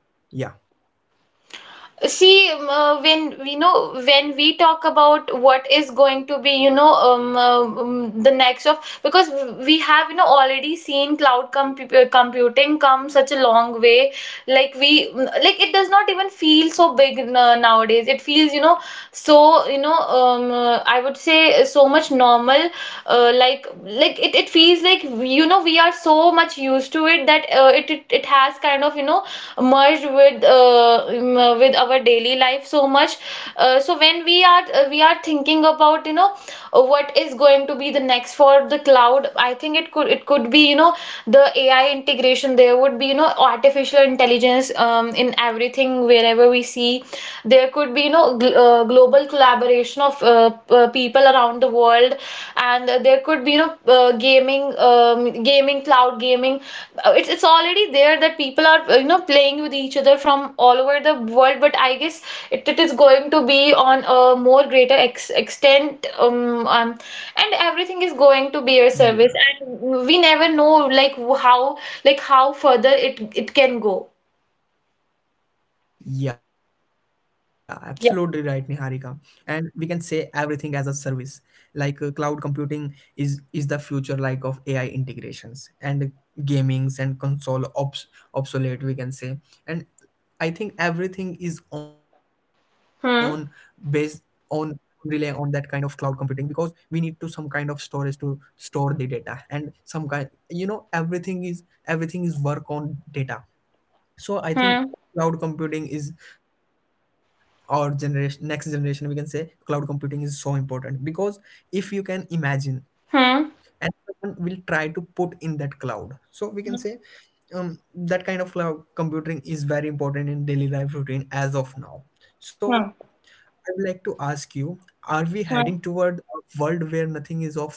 See, when we talk about what is going to be, you know, the next of, because we have, you know, already seen cloud computing come such a long way. Like like it does not even feel so big, nowadays. It feels, you know, so, you know, I would say, so much normal. Like, it feels like, you know, we are so much used to it, that it has kind of, you know, merged with, with our daily life so much. So when we are, we are thinking about, you know, what is going to be the next for the cloud, I think it could be, you know, the AI integration. There would be, you know, artificial intelligence, in everything wherever we see. There could be, you know, global collaboration of, people around the world. And there could be, you know, gaming gaming cloud gaming. It's already there, that people are, you know, playing with each other from all over the world, but I guess it is going to be on a more greater extent, and everything is going to be a service.
Yeah.
And we never know, like how, how further it can go.
Yeah, absolutely right, Niharika.
Yeah.
And we can say everything as a service. Like cloud computing is the future, like of AI integrations and gamings and console obsolete, we can say. And I think everything is on based
Hmm.
on rely on that kind of cloud computing because we need to some kind of storage to store the data, and some kind you know everything is work on data. So I think
Hmm.
cloud computing is our generation, next generation, we can say. Cloud computing is so important because if you can imagine
Hmm.
and someone will try to put in that cloud, so we can say,
Hmm.
that kind of cloud computing is very important in daily life routine as of now. So
Hmm.
I would like to ask you, are we heading
Hmm.
toward a world where nothing is offline?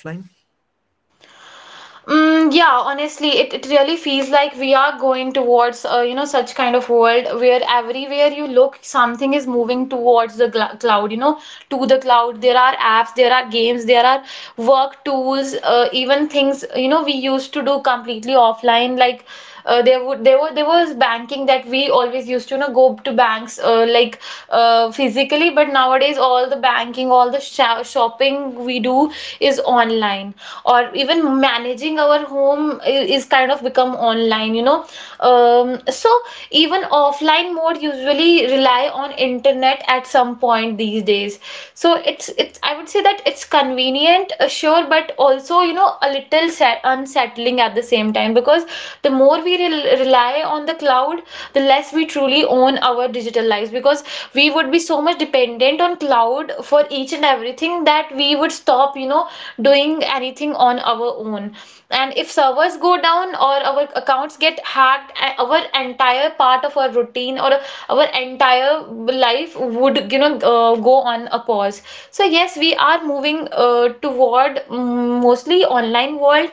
Yeah, honestly, it really feels like we are going towards, you know, such kind of world where everywhere you look, something is moving towards the gl cloud. You know, to the cloud. There are apps, there are games, there are work tools, even things, you know, we used to do completely offline. Like there would there were there was banking that we always used to go to banks like physically, but nowadays all the banking, all the shopping we do is online, or even managing our home is kind of become online um, so Even offline mode usually rely on internet at some point these days. So it's, I would say that it's convenient, sure, but also, you know, a little unsettling at the same time, because the more we rely on the cloud, the less we truly own our digital lives, because we would be so much dependent on cloud for each and everything that we would stop, you know, doing anything on our own. And if servers go down or our accounts get hacked, our entire part of our routine or our entire life would, you know, go on a pause. So yes, we are moving toward mostly online world.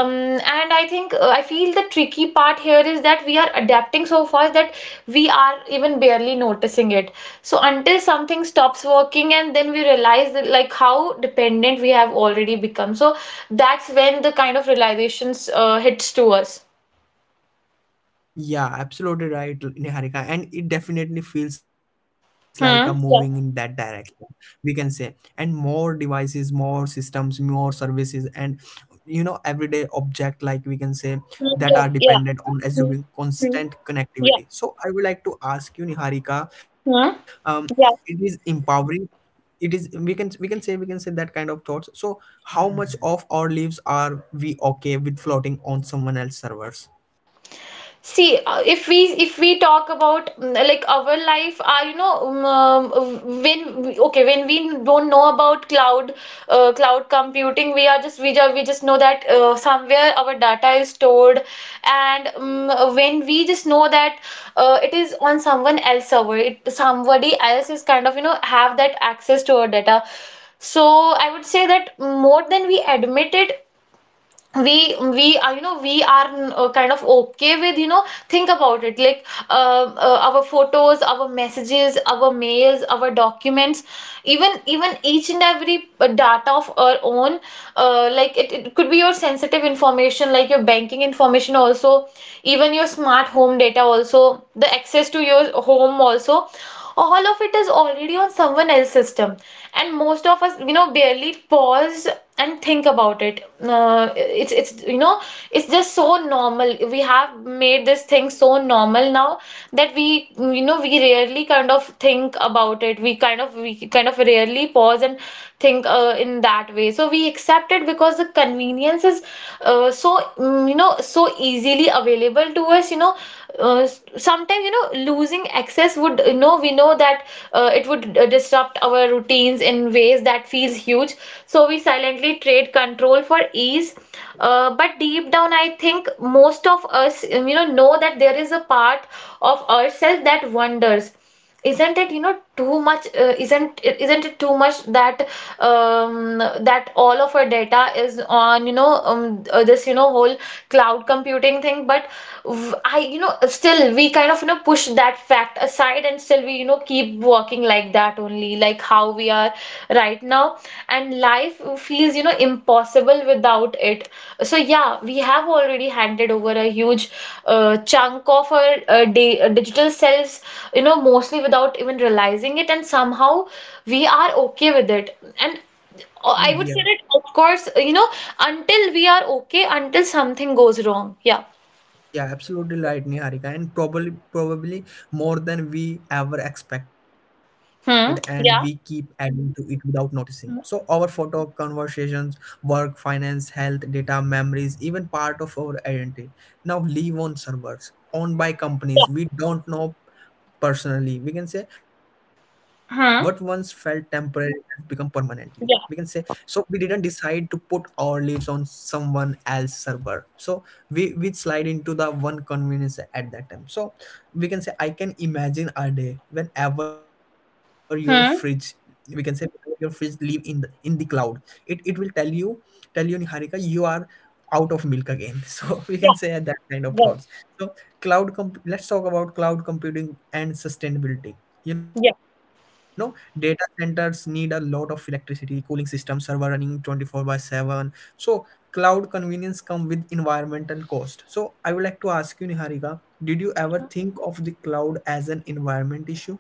And I think, I feel the tricky part here is that we are adapting so fast that we are even barely noticing it. So until something stops working and then we realize that like how dependent we have already become. So that's when the kind of realizations hits to us.
Yeah, absolutely right, Niharika. And it definitely feels like a moving in that
Hmm,
direction,
yeah.
we can say. And more devices, more systems, more services, and everyday object, like we can say, that are
Hmm, yeah,
dependent on
yeah.
assuming
Hmm.
constant
Hmm,
connectivity.
yeah.
So I would like to ask you, Niharika, um,
Hmm.
it is empowering. It is, we can say that kind of thoughts. So how much of our lives are we okay with floating on someone else's servers?
See, if we talk about, like, our life, okay, when we don't know about cloud computing, we are just we just, we just know that somewhere our data is stored, and when we just know that it is on someone else server, somebody else is kind of, you know, have that access to our data. So I would say that more than we admit it, we are, you know, we are, kind of okay with, you know, think about it like, our photos, our messages, our mails, our documents, even each and every data of our own. Like it could be your sensitive information, like your banking information also, even your smart home data also, the access to your home also. All of it is already on someone else's system, and most of us, you know, barely pause and think about it. It's, you know, it's just so normal. We have made this thing so normal now that we, you know, we rarely kind of think about it. We kind of rarely pause and think, in that way. So we accept it because the convenience is so, you know, so easily available to us, you know uh, Sometimes, you know, losing access would, this would, you know, we know that it would disrupt our routines in ways that feels huge. So we silently trade control for ease. But deep down, I think most of us, you know that there is a part of ourselves that wonders, isn't it, you know, too much? Isn't it too much that, um, that all of our data is on, you know, this, you know, whole cloud computing thing? But I, you know, still we kind of, you know, push that fact aside, and still we, you know, keep working, talking like that only, like how we are right now. And life feels, you know, impossible without it. So yeah, we have already handed over a huge chunk of our digital selves, you know, mostly without even realizing it. And somehow we are okay with it. And I would say that, of course, you know, until we are okay, until something goes wrong. Yeah.
Yeah, absolutely right, Niharika, and probably more than we ever expected, and we keep
Hmm.
adding to
Yeah.
it without noticing. So our
Hmm.
photo conversations, work, finance, health, data, memories, even part of our identity now live on servers owned by
Yeah.
companies we don't know personally, we can say. What once felt
Hmm.
temporary has become permanently, we can say.
Yeah.
So we didn't decide to put our lives on someone else's server. So we slide into the one convenience at that time, so we can say. I can imagine a day whenever your fridge, we can
Hmm.
say, whenever your fridge live in in the cloud. It will tell you, Niharika, you are out of milk again so we can say
Yeah.
that kind of
Right.
thoughts. So let's talk about cloud computing and sustainability. you know
Yeah.
Data centers need a lot of electricity, cooling system, server running 24/7. So cloud convenience come with environmental cost. So I would like to ask you, Niharika, did you ever think of the cloud as an environment issue?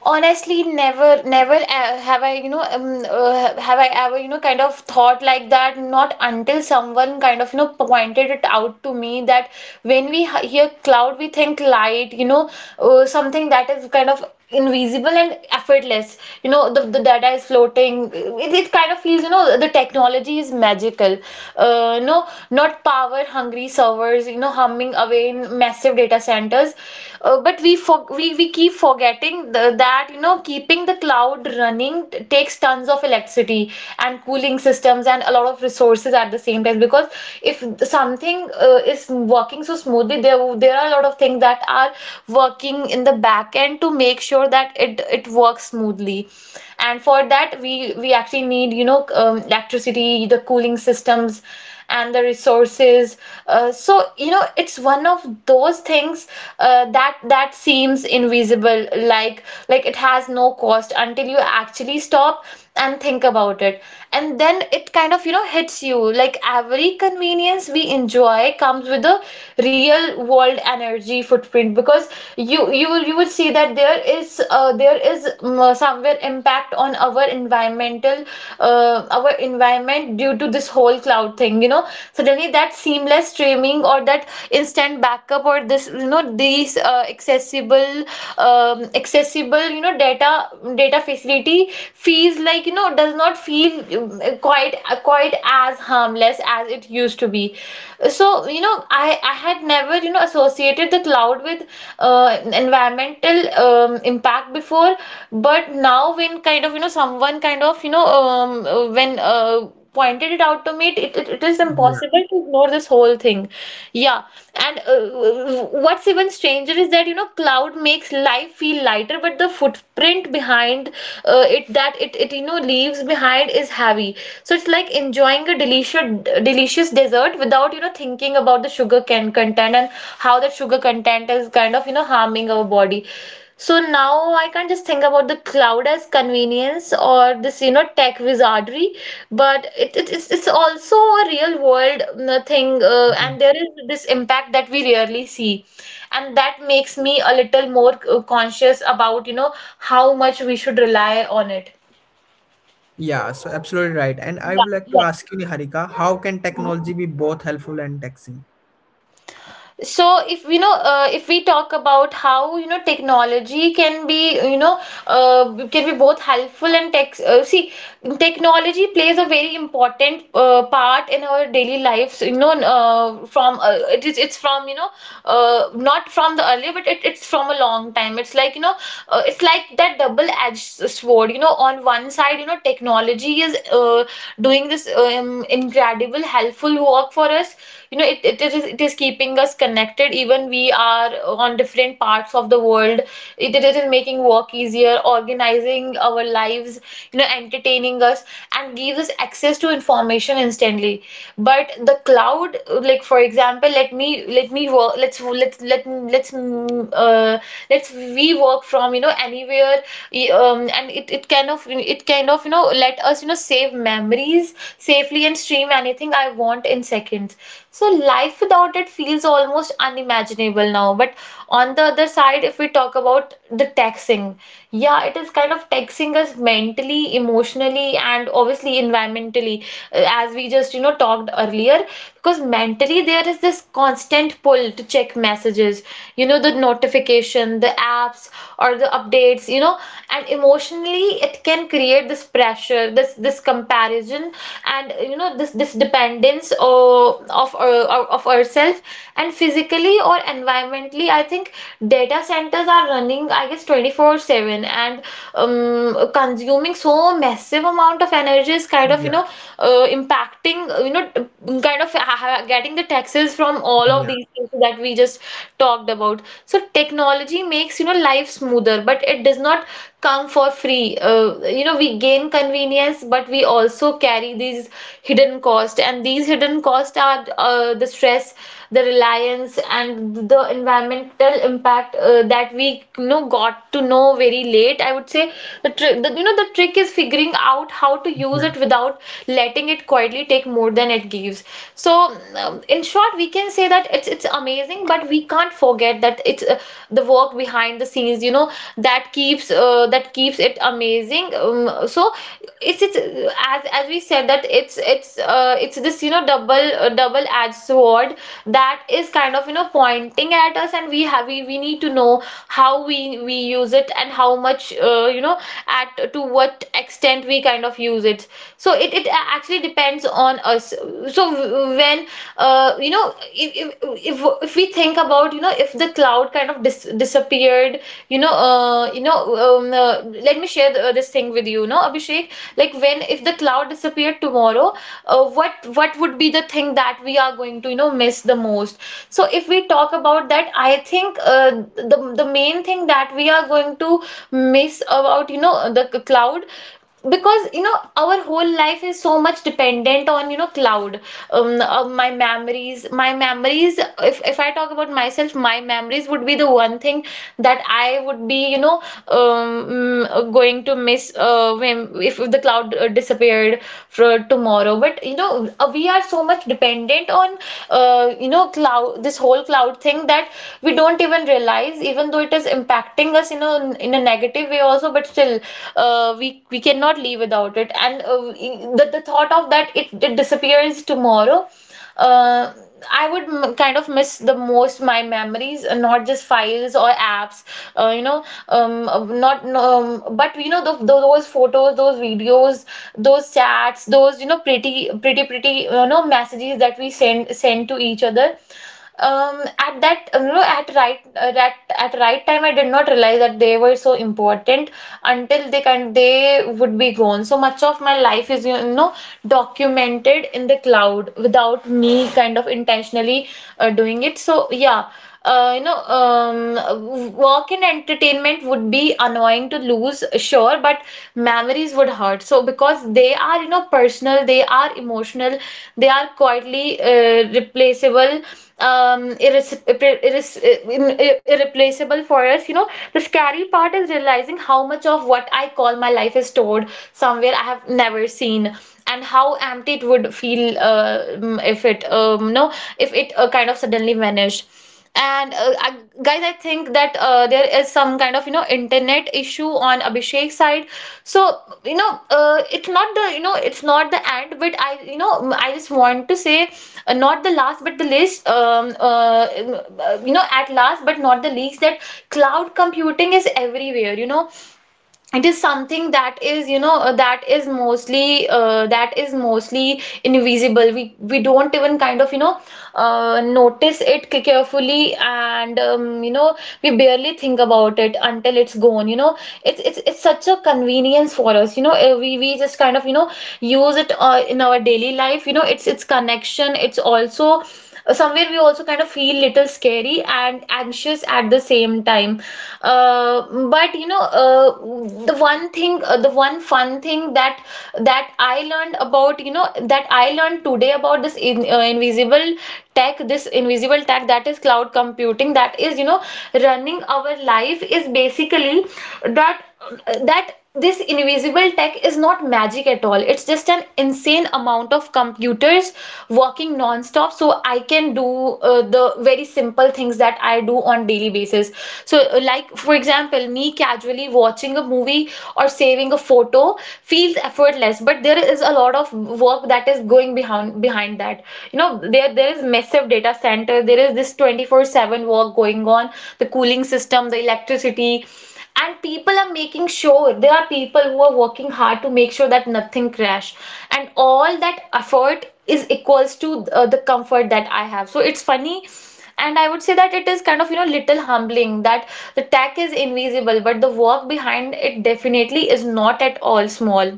Honestly, never, never have I, you know, have I ever, you know, kind of thought like that, not until someone kind of, you know, pointed it out to me that when we hear cloud, we think light, you know, something that is kind of invisible and effortless, you know. The data is floating, it kind of feels, you know, the technology is magical, no, not power hungry servers, you know, humming away in massive data centers. But we keep forgetting that, you know, keeping the cloud running takes tons of electricity and cooling systems and a lot of resources at the same time, because if something is working so smoothly, there are a lot of things that are working in the back end to make sure that it works smoothly. And for that, we actually need, you know, electricity, the cooling systems, and the resources. So you know, it's one of those things, that seems invisible, like it has no cost until you actually stop and think about it. And then it kind of, you know, hits you, like every convenience we enjoy comes with a real world energy footprint, because you will see that there is, there is, somewhere impact on our environmental our environment due to this whole cloud thing, you know. Suddenly that seamless streaming or that instant backup or this, you know, these accessible, you know, data facility feels like, you know, does not feel, quite as harmless as it used to be. So you know, i I had never, you know, associated the cloud with environmental, impact before. But now when kind of, you know, someone kind of, you know, when pointed it out to me, it is
Yeah.
impossible to ignore this whole thing. Yeah. And what's even stranger is that, you know, cloud makes life feel lighter, but the footprint behind it that it, you know, leaves behind is heavy. So it's like enjoying a delicious dessert without, you know, thinking about the sugar can content, and how that sugar content is kind of, you know, harming our body. So now I
Yeah.
can't just think about the cloud as convenience or this, you know, tech wizardry, but it's also a real world, thing,
Yeah.
and there is this impact that we rarely see. And that makes me a little more conscious about, you know, how much we should rely on it.
Yeah, so absolutely right, and I
Yeah,
would like to
yeah.
ask you, Niharika, how can technology be both helpful and taxing?
So if, you know, if we talk about how, you know, technology can be, you know, can be both helpful and tech see, technology plays a very important part in our daily lives, you know, from it is it's from, you know, not from the early, but it's from a long time. It's like, you know, it's like that double edged sword, you know. On one side, you know, technology is doing this, incredible helpful work for us, you know. It is keeping us connected even we are on different parts of the world. It is making work easier, organizing our lives, you know, entertaining us, and gives us access to information instantly. But the cloud, like for example, let me work let's let let let's mm, let's we work from, you know, anywhere. And it kind of, you know, let us, you know, save memories safely and stream anything I want in seconds. So life without it feels almost unimaginable now. But on the other side, if we talk about the taxing, yeah, it is kind of taxing us mentally, emotionally, and obviously environmentally, as we just, you know, talked earlier. Because mentally there is this constant pull to check messages, you know, the notification, the apps, or the updates, you know. And emotionally it can create this pressure, this comparison, and you know, this dependence, or of ourselves. And physically or environmentally, I think data centers are running, I guess, 24/7, and
Yeah,
consuming so massive amount of energy is kind of, you know, impacting, you know, kind of getting the taxes from all of
yeah,
these things that we just talked about. So technology makes, you know, life smoother, but it does not come for free. You know, we gain convenience, but we also carry these hidden costs. And these hidden costs are the stress, the reliance, and the environmental impact that we, you know, got to know very
yeah.
late, I would say. The trick, you know, the trick is figuring out how to use it without letting it quietly take more than it gives. So in short, we can say that it's amazing, but we can't forget that it's the work behind the scenes that keeps it amazing, so it's as we said that it's it's this double double edged sword that is kind of pointing at us, and we need to know how we use it and how much, at to what extent we kind of use it. So it actually depends on us. So when you know if if we think about, if the cloud kind of disappeared, you know uh, you know um, uh, let me share this thing with you you know Abhishek. Like when if the cloud disappeared tomorrow, what would be the thing that we are going to, miss the most? So if we talk about that, I think the main thing that we are going to miss about, the cloud, because our whole life is so much dependent on, cloud, my memories, if I talk about myself, my memories would be the one thing that I would be, going to miss when if the cloud disappeared for tomorrow. But we are so much dependent on, cloud, this whole cloud thing, that we don't even realize, even though it is impacting us in a negative way also. But still we cannot live without it. And the thought of that it disappears tomorrow, uh, I would kind of miss the most my memories, not just files or apps, you know, not, no, but you know, those photos, those videos, those chats, those, you know, pretty, pretty, pretty, you know, messages that we send to each other. Um at that you know at right that At right time I did not realize that they were so important until they would be gone. So much of my life is, documented in the cloud without me kind of intentionally doing it. So yeah. Work and entertainment would be annoying to lose, sure, but memories would hurt. So because they are, you know, personal, they are emotional, they are quietly replaceable, um, irres- irre- irres- irreplaceable for us. You know, the scary part is realizing how much of what I call my life is stored somewhere I have never seen. And how empty it would feel if it kind of suddenly vanished. and uh, I, Guys, I think that there is some kind of, internet issue on Abhishek's side. So it's not the, it's not the end, but I you know I just want to say, not the last but the least you know at last but not the least, that cloud computing is everywhere, you know. It is something that is, that is mostly invisible. We don't even kind of, notice it carefully. And we barely think about it until it's gone, you know. It's such a convenience for us, you know. We just kind of, use it in our daily life. You know, it's connection. It's also somewhere we also kind of feel little scary and anxious at the same time. uh, but the one fun thing that I learned about, that I learned today about this, invisible tech, this invisible tech, that is cloud computing, that is, running our life, is basically that this invisible tech is not magic at all. It's just an insane amount of computers working non-stop so I can do the very simple things that I do on daily basis. So like for example, me casually watching a movie or saving a photo feels effortless, but there is a lot of work that is going behind that. You know, there is massive data center, there is this 24/7 work going on, the cooling system, the electricity. And people are making sure, there are people who are working hard to make sure that nothing crash, and all that effort is equals to the comfort that I have. So it's funny, and I would say that it is kind of, little humbling, that the tech is invisible, but the work behind it definitely is not at all small.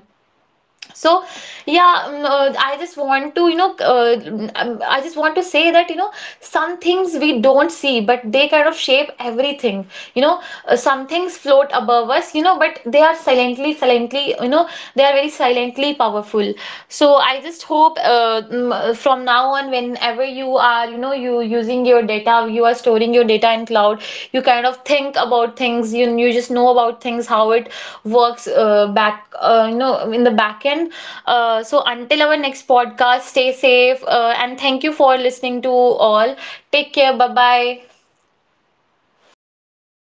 So yeah. mm, I just want to you know mm, I just want to say that, you know, some things we don't see, but they kind of shape everything, you know. Some things float above us, you know, but they are silently silently, you know, they are very silently powerful. So I just hope, from now on, whenever you are, you know, you using your data, you are storing your data in cloud, you kind of think about things, you just know about things, how it works in the back end. So until our next podcast, stay safe, and thank you for listening to all. Take care. Bye bye.